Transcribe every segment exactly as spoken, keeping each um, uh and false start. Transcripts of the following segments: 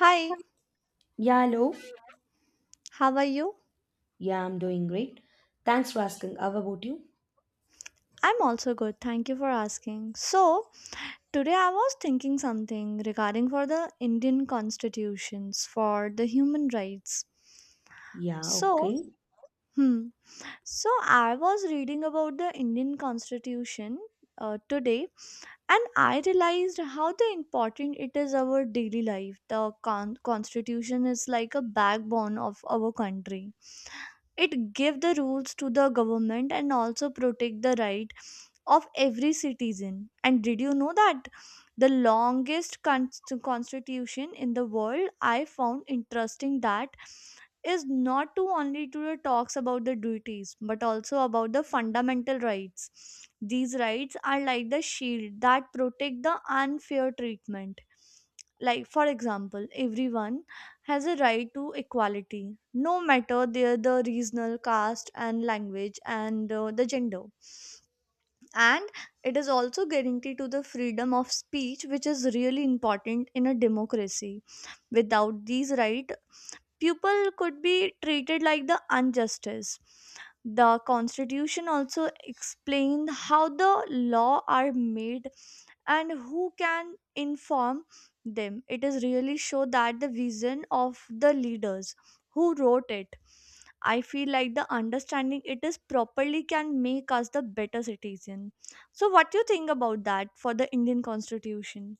Hi, Yeah, hello. how are you? Yeah, I'm doing great. Thanks for asking. How about you? I'm also good. Thank you for asking. So, today I was thinking something regarding for the Indian constitutions for the human rights. Yeah, So, okay. hmm, so I was reading about the Indian constitution uh, today, and I realized how the important it is our daily life. The con- constitution is like a backbone of our country. It give the rules to the government and also protect the right of every citizen. And did you know that the longest const- constitution in the world, I found interesting that is not to only to the talks about the duties but also about the fundamental rights. These rights are like the shield that protect the unfair treatment. Like for example, everyone has a right to equality, no matter their the regional caste and language and uh, the gender, and it is also guarantee to the freedom of speech, which is really important in a democracy. Without these rights, people could be treated like the injustice. The constitution also explained how the law are made and who can inform them. It is really show that the vision of the leaders who wrote it. I feel like the understanding it is properly can make us the better citizen. So what do you think about that for the Indian constitution?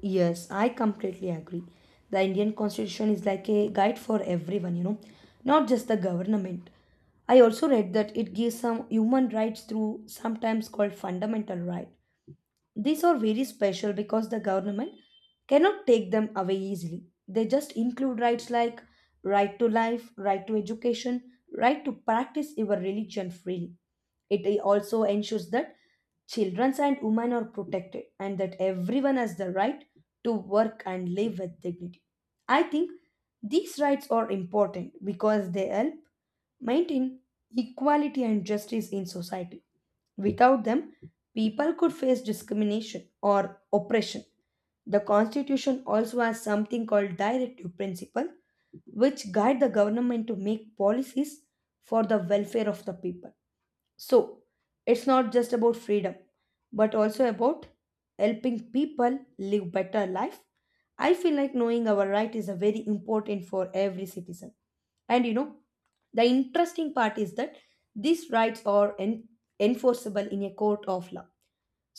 Yes, I completely agree. The Indian Constitution is like a guide for everyone, you know, not just the government. I also read that it gives some human rights through sometimes called fundamental right. These are very special because the government cannot take them away easily. They just include rights like right to life, right to education, right to practice your religion freely. It also ensures that children and women are protected and that everyone has the right to work and live with dignity. I think these rights are important because they help maintain equality and justice in society. Without them, people could face discrimination or oppression. The constitution also has something called directive principle which guide the government to make policies for the welfare of the people. So it's not just about freedom, but also about helping people live better life. I feel like knowing our right is a very important for every citizen. And you know, the interesting part is that these rights are en- enforceable in a court of law,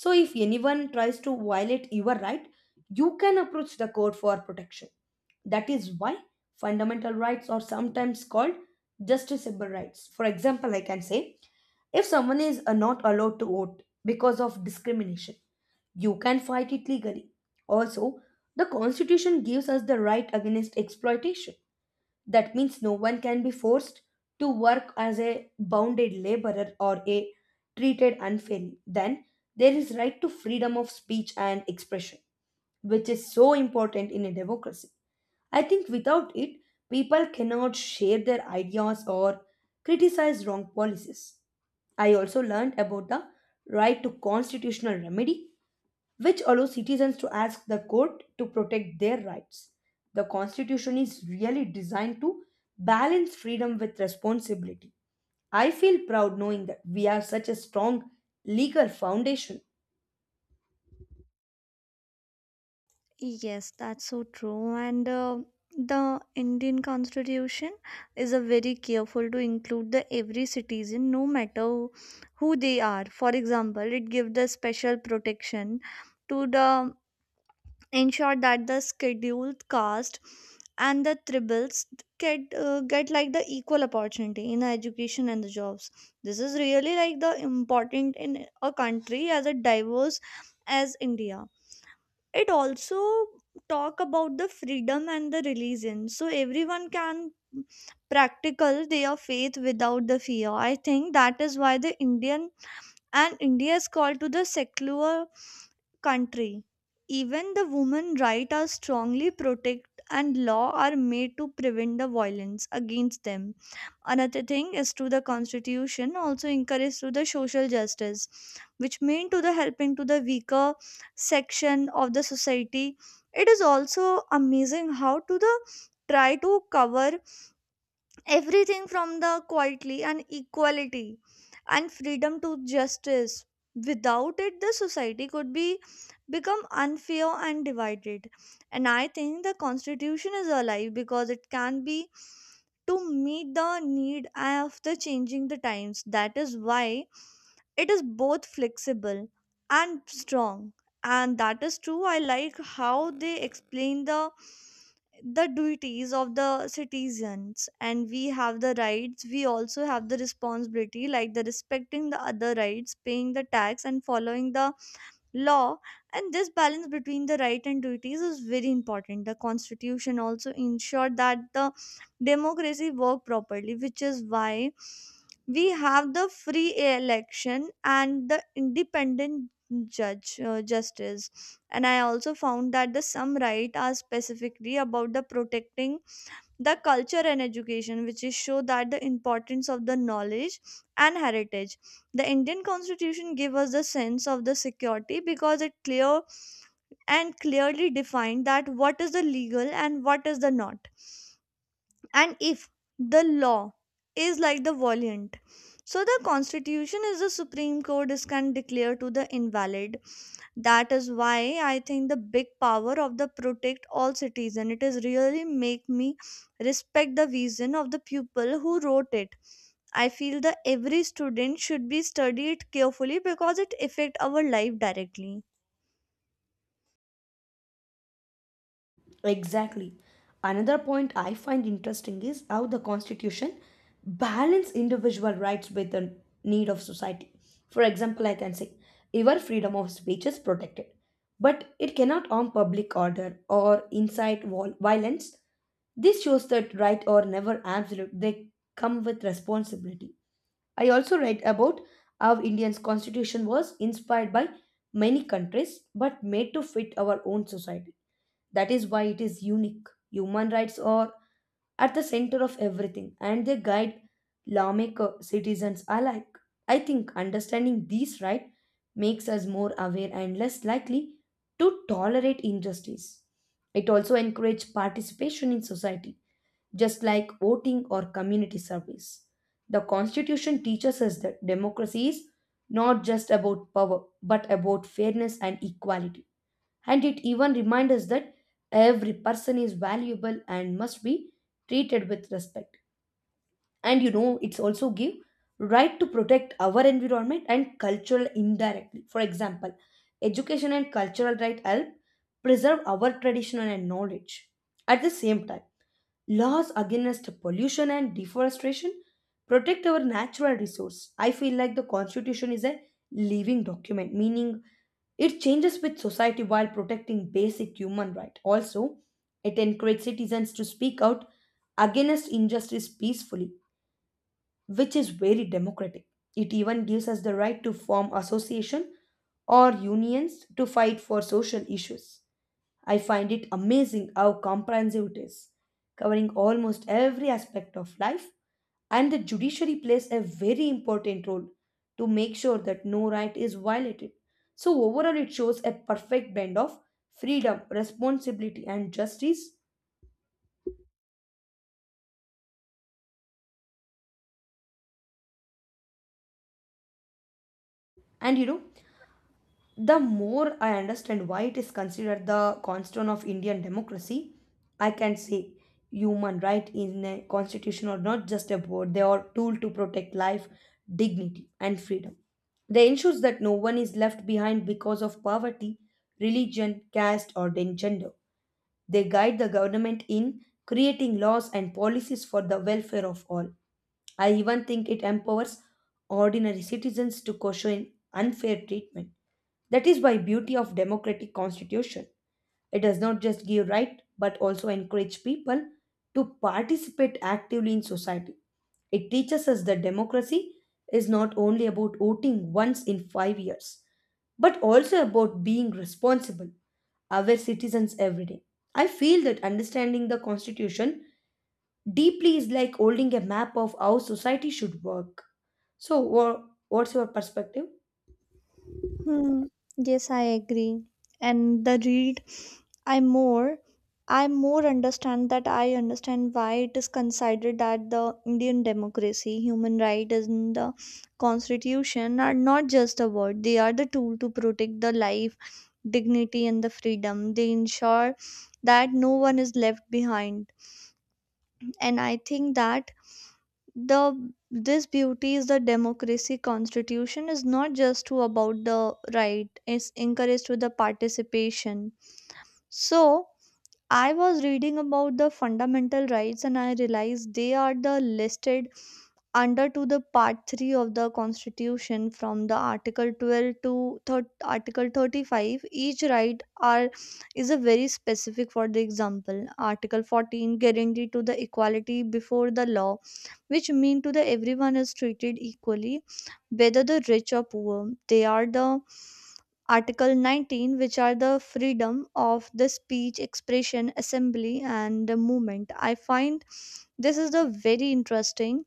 so if anyone tries to violate your right, you can approach the court for protection. That is why fundamental rights are sometimes called justiciable rights. For example, I can say if someone is uh, not allowed to vote because of discrimination, you can fight it legally. Also, the constitution gives us the right against exploitation. That means no one can be forced to work as a bounded laborer or a treated unfairly. Then there is right to freedom of speech and expression, which is so important in a democracy. I think without it, people cannot share their ideas or criticize wrong policies. I also learned about the right to constitutional remedy which allows citizens to ask the court to protect their rights. The Constitution is really designed to balance freedom with responsibility. I feel proud knowing that we have such a strong legal foundation. Yes, that's so true. And uh, the Indian Constitution is a very careful to include the every citizen, no matter who they are. For example, it gives the special protection to the ensure that the scheduled caste and the tribals get uh, get like the equal opportunity in education and the jobs. This is really like the important in a country as a diverse as India. It also talk about the freedom and the religion so everyone can practical their faith without the fear. I think that is why the Indian and India is called to the secular country. Even the women right are strongly protected and law are made to prevent the violence against them. Another thing is to the constitution also encourage to the social justice, which mean to the helping to the weaker section of the society. It is also amazing how to the try to cover everything from the quietly and equality and freedom to justice. Without it the society could be become unfair and divided, and I think the constitution is alive because it can be to meet the need of the changing the times. That is why it is both flexible and strong. And that is true, I like how they explain the the duties of the citizens, and we have the rights we also have the responsibility like the respecting the other rights, paying the tax, and following the law. And this balance between the right and duties is very important. The constitution also ensured that the democracy work properly, which is why we have the free election and the independent judge uh, justice. And I also found that the some right are specifically about the protecting the culture and education, which is show that the importance of the knowledge and heritage. The Indian constitution give us the sense of the security because it clear and clearly defined that what is the legal and what is the not. And if the law is like the valiant, so the constitution is the supreme court is can declare to the invalid. That is why I think the big power of the protect all citizen. It is really make me respect the vision of the people who wrote it. I feel that every student should be studied carefully because it affect our life directly. Exactly. Another point I find interesting is how the Constitution balance individual rights with the need of society. For example, I can say your freedom of speech is protected, but it cannot harm public order or incite vol- violence. This shows that right or never absolute. They come with responsibility. I also read about how Indian's constitution was inspired by many countries but made to fit our own society. That is why it is unique. Human rights are at the center of everything and they guide lawmaker citizens alike. I think understanding these rights makes us more aware and less likely to tolerate injustice. It also encourages participation in society, just like voting or community service. The Constitution teaches us that democracy is not just about power, but about fairness and equality. And it even reminds us that every person is valuable and must be treated with respect. And you know, it's also give right to protect our environment and cultural indirectly. For example, education and cultural right help preserve our tradition and knowledge. At the same time, laws against pollution and deforestation protect our natural resource. I feel like the constitution is a living document, meaning it changes with society while protecting basic human rights. Also, it encourages citizens to speak out against injustice peacefully, which is very democratic. It even gives us the right to form association or unions to fight for social issues. I find it amazing how comprehensive it is, covering almost every aspect of life, and the judiciary plays a very important role to make sure that no right is violated. So, overall, it shows a perfect blend of freedom, responsibility, and justice. And you know, the more I understand why it is considered the cornerstone of Indian democracy, I can say human right in a constitution are not just a word, they are tool to protect life, dignity, and freedom. They ensures that no one is left behind because of poverty, religion, caste, or then gender. They guide the government in creating laws and policies for the welfare of all. I even think it empowers ordinary citizens to question unfair treatment. That is why beauty of democratic constitution. It does not just give right but also encourage people to participate actively in society. It teaches us that democracy is not only about voting once in five years but also about being responsible our citizens every day. I feel that understanding the Constitution deeply is like holding a map of how society should work. So, wha- what's your perspective? Hmm. Yes, I agree. And the read I more, I more understand that I understand why it is considered that the Indian democracy, human rights, and the constitution are not just a word. They are the tool to protect the life, dignity, and the freedom. They ensure that no one is left behind, and I think that the this beauty is the democracy constitution is not just to about the right, it's encouraged to the participation. So I was reading about the fundamental rights and I realized they are the listed under to the part three of the constitution from the article twelve to thir- article thirty-five. Each right are is a very specific. For the example, article fourteen guarantee to the equality before the law, which mean to the everyone is treated equally, whether the rich or poor they are the Article nineteen, which are the freedom of the speech, expression, assembly, and the movement. I find this is the very interesting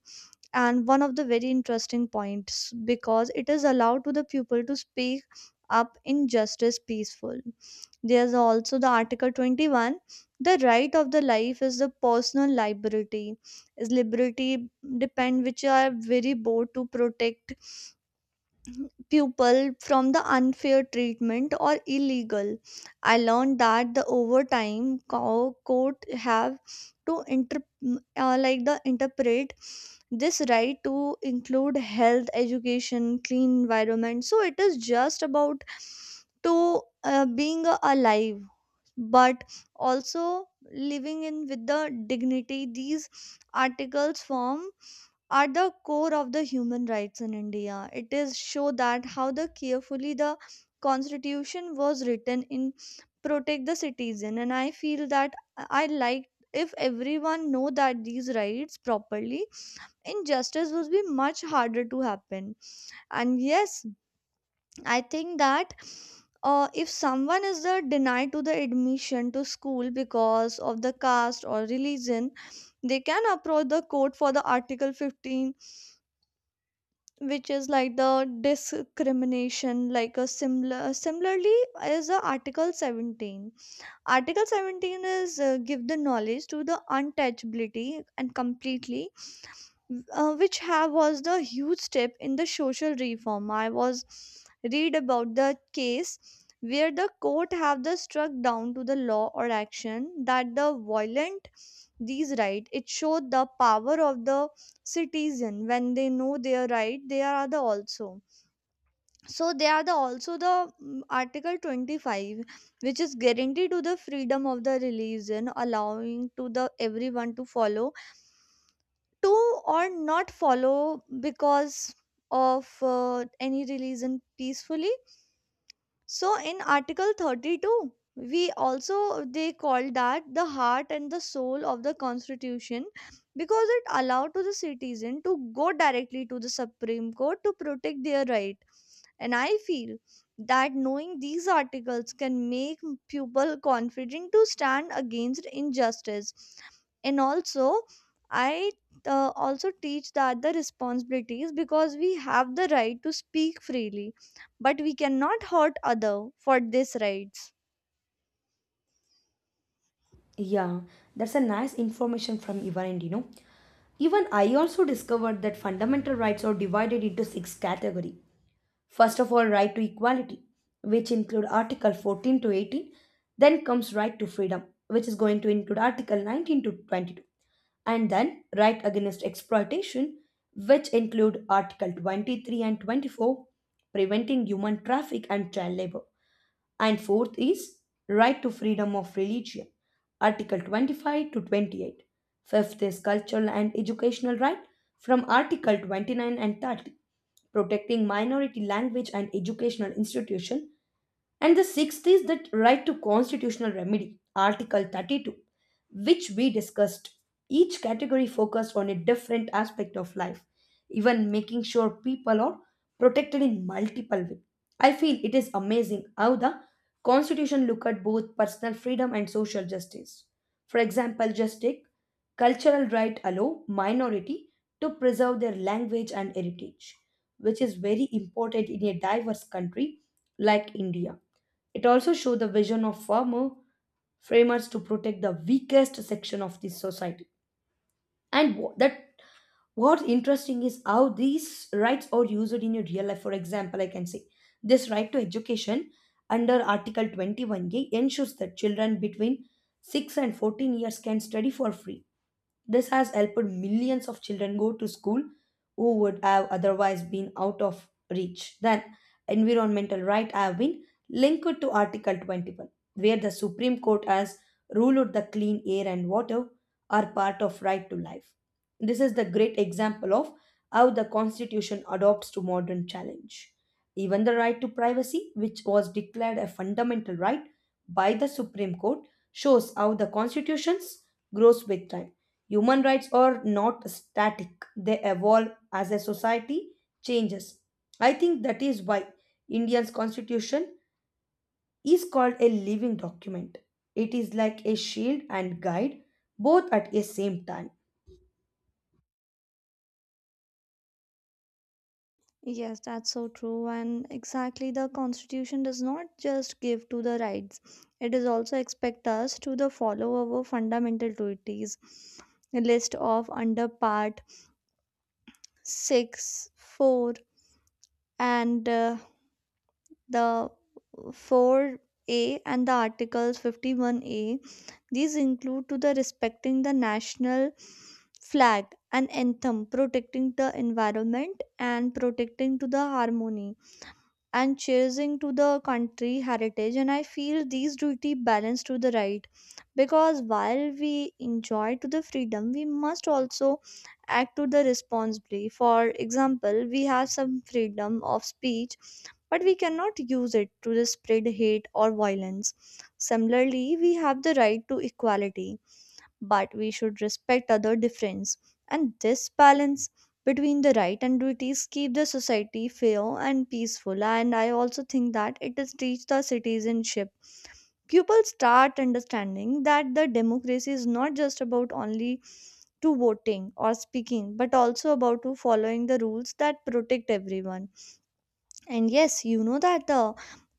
and one of the very interesting points because it is allowed to the pupil to speak up in justice peaceful. There's also the Article twenty-one. The right of the life is the personal liberty. Is liberty depend, which are very both to protect pupil from the unfair treatment or illegal. I learned that the overtime co- court have to inter- uh, like the interpret this right to include health, education, clean environment, so it is just about to uh, being alive but also living in with the dignity. These articles form are the core of the human rights in India. It is show that how the carefully the constitution was written in protect the citizen, and I feel that I like if everyone know that these rights properly, injustice would be much harder to happen. And yes, I think that uh, if someone is uh, denied to the admission to school because of the caste or religion, they can approach the court for the article fifteen, which is like the discrimination like a similar similarly is the article seventeen. Article seventeen is uh, give the knowledge to the untouchability and completely uh, which have was the huge step in the social reform. I was read about the case where the court have the struck down to the law or action that the violent these right. It showed the power of the citizen when they know their right. They are the also, so they are the also the mm, article twenty-five, which is guaranteed to the freedom of the religion, allowing to the everyone to follow to or not follow because of uh, any religion peacefully. So in Article thirty-two, we also they called that the heart and the soul of the constitution because it allowed to the citizen to go directly to the supreme court to protect their right. And I feel that knowing these articles can make people confident to stand against injustice. And also I uh, also teach that the responsibilities, because we have the right to speak freely but we cannot hurt other for these rights. Yeah, that's a nice information from your end, you know. Even I also discovered that fundamental rights are divided into six categories. First of all, right to equality, which include Article fourteen to eighteen. Then comes right to freedom, which is going to include Article nineteen to twenty-two. And then right against exploitation, which include Article twenty-three and twenty-four, preventing human traffic and child labor. And fourth is right to freedom of religion, Article twenty-five to twenty-eight. Fifth is cultural and educational right from Article twenty-nine and thirty, protecting minority language and educational institution, and the sixth is the right to constitutional remedy, Article thirty-two, which we discussed. Each category focused on a different aspect of life, even making sure people are protected in multiple ways. I feel it is amazing how the Constitution look at both personal freedom and social justice. For example, just take cultural right allow minority to preserve their language and heritage, which is very important in a diverse country like India. It also showed the vision of farmer framers to protect the weakest section of the society. And wha- that what's interesting is how these rights are used in your real life. For example, I can say this right to education under Article twenty-one A ensures that children between six and fourteen years can study for free. This has helped millions of children go to school who would have otherwise been out of reach. Then, environmental rights have been linked to Article twenty-one, where the Supreme Court has ruled the clean air and water are part of right to life. This is the great example of how the Constitution adopts to modern challenge. Even the right to privacy, which was declared a fundamental right by the Supreme Court, shows how the Constitutions grows with time. Human rights are not static, they evolve as a society changes. I think that is why India's constitution is called a living document. It is like a shield and guide both at a same time. Yes, that's so true. And exactly, the Constitution does not just give to the rights, it is also expect us to the follow our fundamental duties. A list of under part six, four, and uh, the four A and the articles fifty-one A. These include to the respecting the national flag and anthem, protecting the environment and protecting to the harmony and cherising to the country heritage. And I feel these duty balance to the right because while we enjoy to the freedom, we must also act to the responsibly. For example, we have some freedom of speech, but we cannot use it to the spread hate or violence. Similarly, we have the right to equality but we should respect other difference. And this balance between the right and duties keep the society fair and peaceful. And I also think that it is teach the citizenship. People start understanding that the democracy is not just about only to voting or speaking but also about to following the rules that protect everyone. And yes, you know that the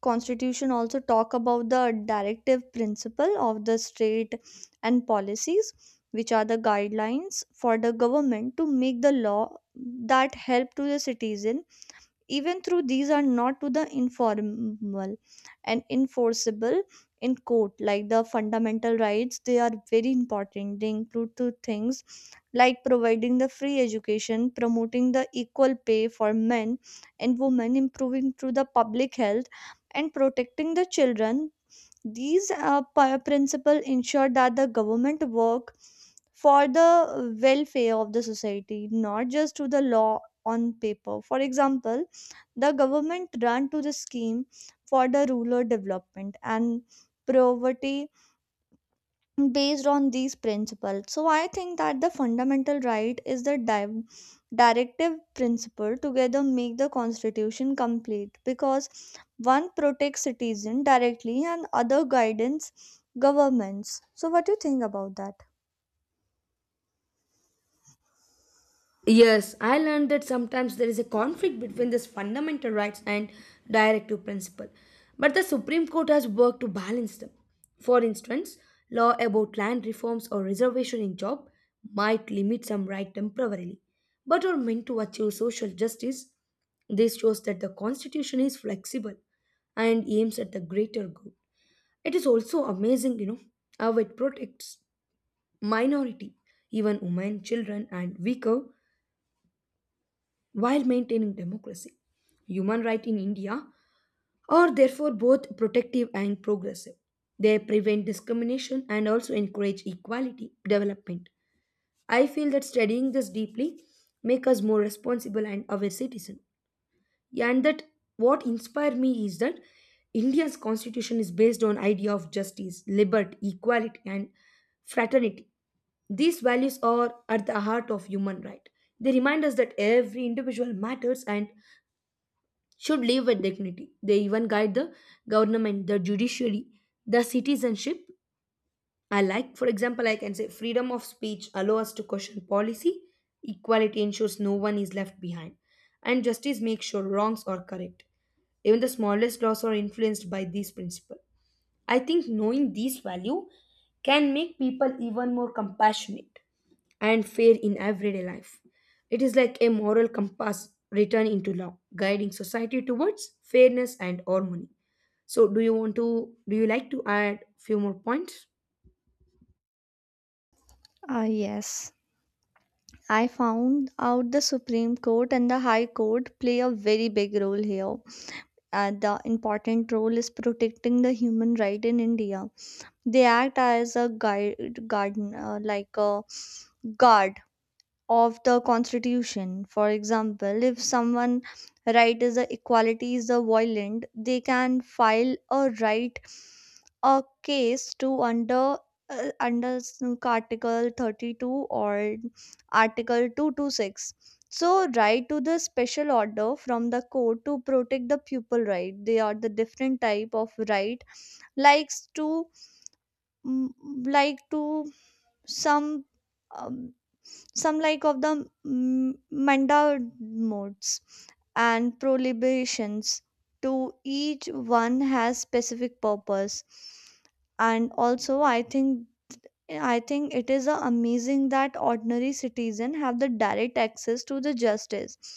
constitution also talk about the directive principle of the state and policies, which are the guidelines for the government to make the law that help to the citizen. Even though these are not to the informal and enforceable in court like the fundamental rights, they are very important. They include two things like providing the free education, promoting the equal pay for men and women, improving through the public health, and protecting the children. These uh, pi- principle ensure that the government work for the welfare of the society, not just to the law on paper. For example, the government ran to the scheme for the rural development and poverty based on these principles. So I think that the fundamental right is the di- directive principle together make the constitution complete because one protects citizen directly and other guidance governments. So what do you think about that? Yes, I learned that sometimes there is a conflict between these fundamental rights and directive principle, but the Supreme Court has worked to balance them. For instance, law about land reforms or reservation in job might limit some right temporarily, but are meant to achieve social justice. This shows that the Constitution is flexible and aims at the greater good. It is also amazing, you know, how it protects minority, even women, children, and weaker while maintaining democracy. Human rights in India are therefore both protective and progressive. They prevent discrimination and also encourage equality development. I feel that studying this deeply make us more responsible and aware citizen. And that what inspired me is that India's constitution is based on idea of justice, liberty, equality and fraternity. These values are at the heart of human right. They remind us that every individual matters and should live with dignity. They even guide the government, the judiciary, the citizenship. I like, for example, I can say freedom of speech allow us to question policy, equality ensures no one is left behind, and justice makes sure wrongs are correct. Even the smallest laws are influenced by these principles. I think knowing these value can make people even more compassionate and fair in everyday life. It is like a moral compass written into law, guiding society towards fairness and harmony. So, do you want to, do you like to add few more points? Ah, yes. I found out the Supreme Court and the High Court play a very big role here. Uh, the important role is protecting the human right in India. They act as a guide, guard, uh, like a guard of the constitution. For example, if someone right is a equality is a violent, they can file a right a case to under uh, under s- Article thirty-two or Article two twenty-six. So, right to the special order from the court to protect the pupil right. They are the different type of right likes to mm, like to some um, some like of the mm, manda modes and prohibitions to each one has specific purpose and also i think i think it is a amazing that ordinary citizen have the direct access to the justice.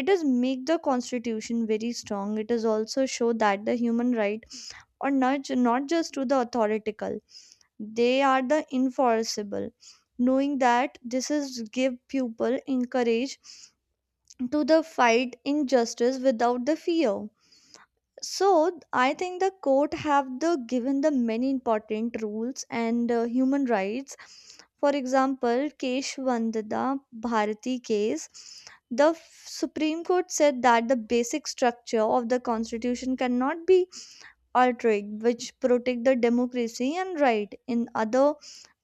It is make the constitution very strong, it is also show that the human right or nudge not just to the authoritative, they are the enforceable, knowing that this is give people encourage to the fight injustice without the fear. So I think the court have the given the many important rules and uh, human rights, for example keshwandada bharati case, the supreme court said that the basic structure of the constitution cannot be are trade, which protect the democracy and right. In other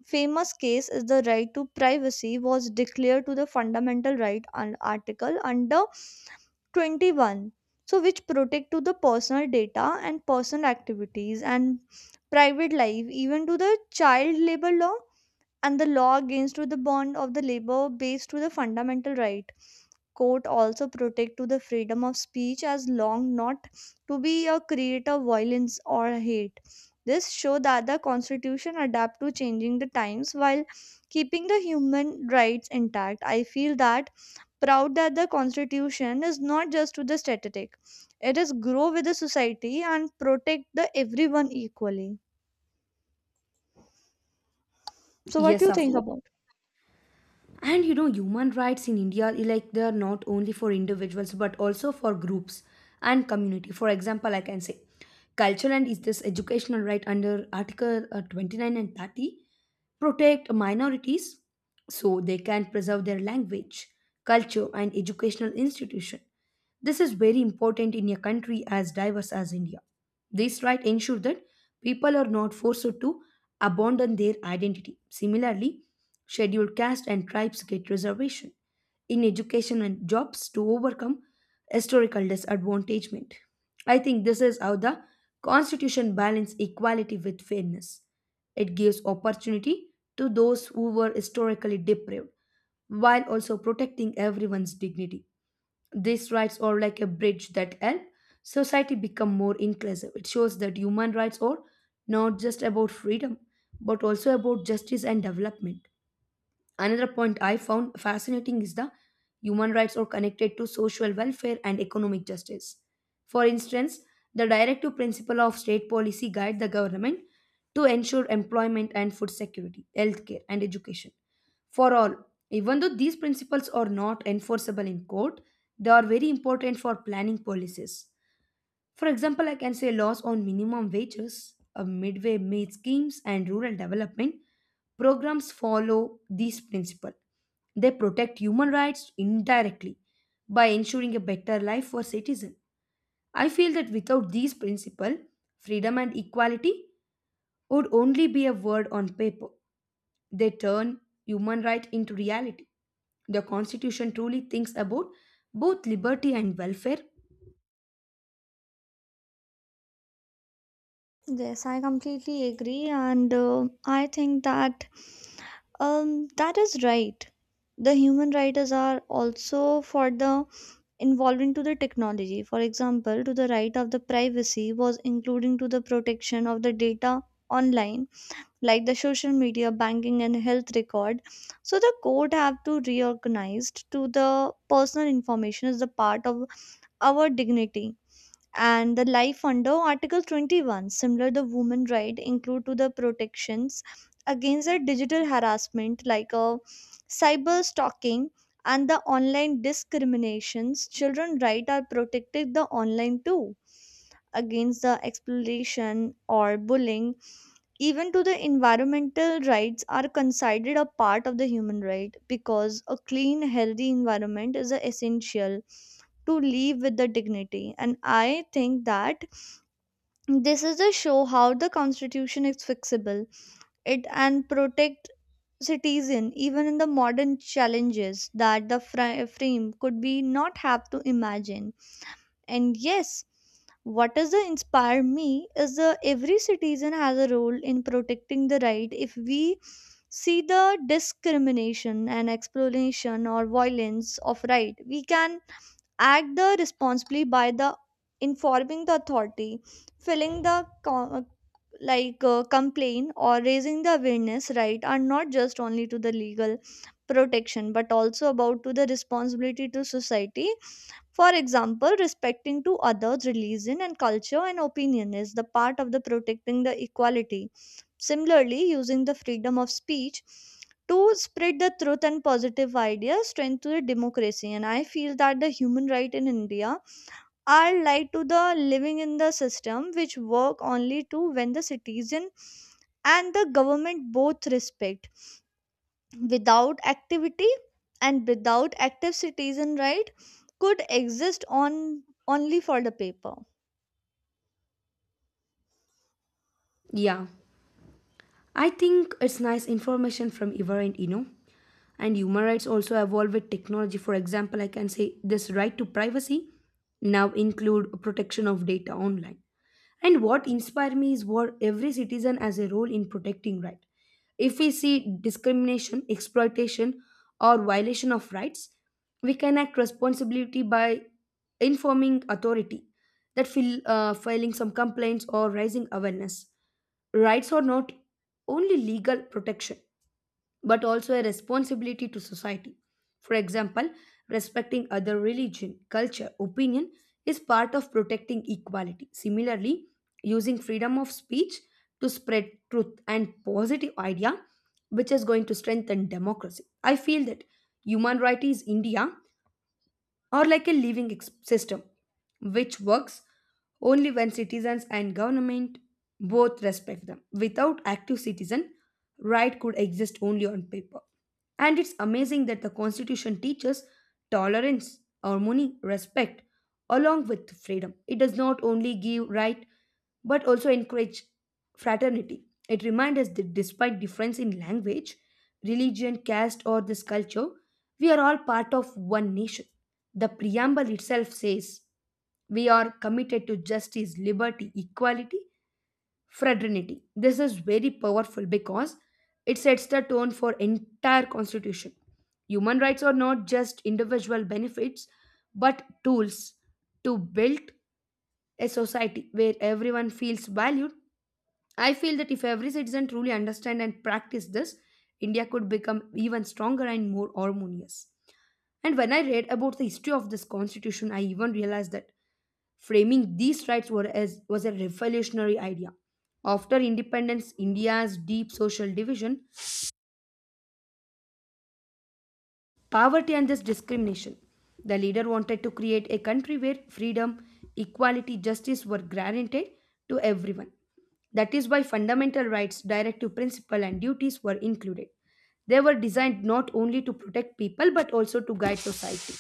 famous case is the right to privacy was declared to the fundamental right and article under twenty-one, so which protect to the personal data and personal activities and private life, even to the child labor law and the law against to the bond of the labor based to the fundamental right. Court also protect to the freedom of speech as long not to be a creator of violence or hate. This show that the constitution adapt to changing the times while keeping the human rights intact. I feel that proud that the constitution is not just to the static, it is grow with the society and protect the everyone equally. So what do Yes, you of think course. about? And you know, human rights in India, like, they are not only for individuals but also for groups and community. For example, I can say cultural and is this educational right under article uh, twenty-nine and thirty protect minorities so they can preserve their language, culture and educational institution. This is very important in a country as diverse as India. This right ensure that people are not forced to abandon their identity. Similarly, Scheduled caste and tribes get reservation in education and jobs to overcome historical disadvantagement. I think this is how the constitution balances equality with fairness. It gives opportunity to those who were historically deprived while also protecting everyone's dignity. These rights are like a bridge that help society become more inclusive. It shows that human rights are not just about freedom but also about justice and development. Another point I found fascinating is the human rights are connected to social welfare and economic justice. For instance, the directive principle of state policy guide the government to ensure employment and food security, healthcare and education for all. Even though these principles are not enforceable in court, they are very important for planning policies. For example, I can say laws on minimum wages, uh, midway meal schemes, and rural development programs follow this principle. They protect human rights indirectly by ensuring a better life for citizens. I feel that without these principles, freedom and equality would only be a word on paper. They turn human rights into reality. The Constitution truly thinks about both liberty and welfare. Yes, I completely agree and uh, I think that Um, that is right. The human writers are also for the involved into the technology. For example, to the right of the privacy was including to the protection of the data online, like the social media, banking, and health record. So the court have to reorganized to the personal information as the part of our dignity and the life under article twenty-one. Similar the women right include to the protections against the digital harassment like a cyber stalking and the online discriminations. Children right are protected the online too against the exploitation or bullying. Even to the environmental rights are considered a part of the human right because a clean healthy environment is a essential to live with the dignity. And I think that this is a show how the constitution is flexible it and protect citizen even in the modern challenges that the fri- frame could be not have to imagine. And yes, what does the inspire me is the every citizen has a role in protecting the right. If we see the discrimination and exploitation or violence of right, we can act the responsibly by the informing the authority, filling the co- like uh, complaint, or raising the awareness. Right are not just only to the legal protection but also about to the responsibility to society. For example, respecting to others religion and culture and opinion is the part of the protecting the equality. Similarly using the freedom of speech to spread the truth and positive ideas strengthen the democracy. And I feel that the human right in india are lied to the living in the system which work only to when the citizen and the government both respect without activity, and without active citizen right could exist on only for the paper. Yeah. I think it's nice information from your end, you know. And human rights also evolve with technology. For example, I can say this right to privacy now include protection of data online. And what inspires me is what every citizen has a role in protecting right. If we see discrimination, exploitation, or violation of rights, we can act responsibility by informing authority, that fil- uh, filing some complaints or raising awareness. Rights are not only legal protection, but also a responsibility to society. For example, respecting other religion, culture, opinion is part of protecting equality. Similarly, using freedom of speech to spread truth and positive idea which is going to strengthen democracy. I feel that human rights is India or like a living ex- system, which works only when citizens and government both respect them. Without active citizen, right could exist only on paper. And it's amazing that the Constitution teaches tolerance, harmony, respect, along with freedom. It does not only give right, but also encourage fraternity. It reminds us that despite difference in language, religion, caste, or this culture, we are all part of one nation. The preamble itself says we are committed to justice, liberty, equality, fraternity. This is very powerful because it sets the tone for entire constitution. Human rights are not just individual benefits, but tools to build a society where everyone feels valued. I feel that if every citizen truly understand and practice this, India could become even stronger and more harmonious. And when I read about the history of this constitution, I even realized that framing these rights were as, was a revolutionary idea. After independence, India's deep social division poverty and this discrimination. The leader wanted to create a country where freedom, equality, justice were guaranteed to everyone. That is why fundamental rights, directive principle, and duties were included. They were designed not only to protect people but also to guide society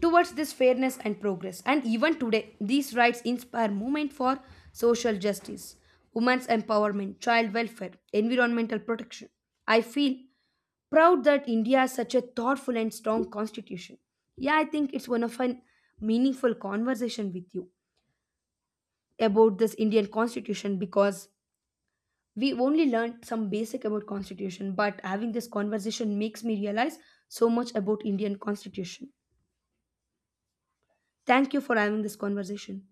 towards this fairness and progress. And even today, these rights inspire movement for social justice, women's empowerment, child welfare, environmental protection. I feel proud that India has such a thoughtful and strong constitution. Yeah, I think it's one of a meaningful conversation with you about this Indian constitution because we only learned some basic about constitution but having this conversation makes me realize so much about Indian constitution. Thank you for having this conversation.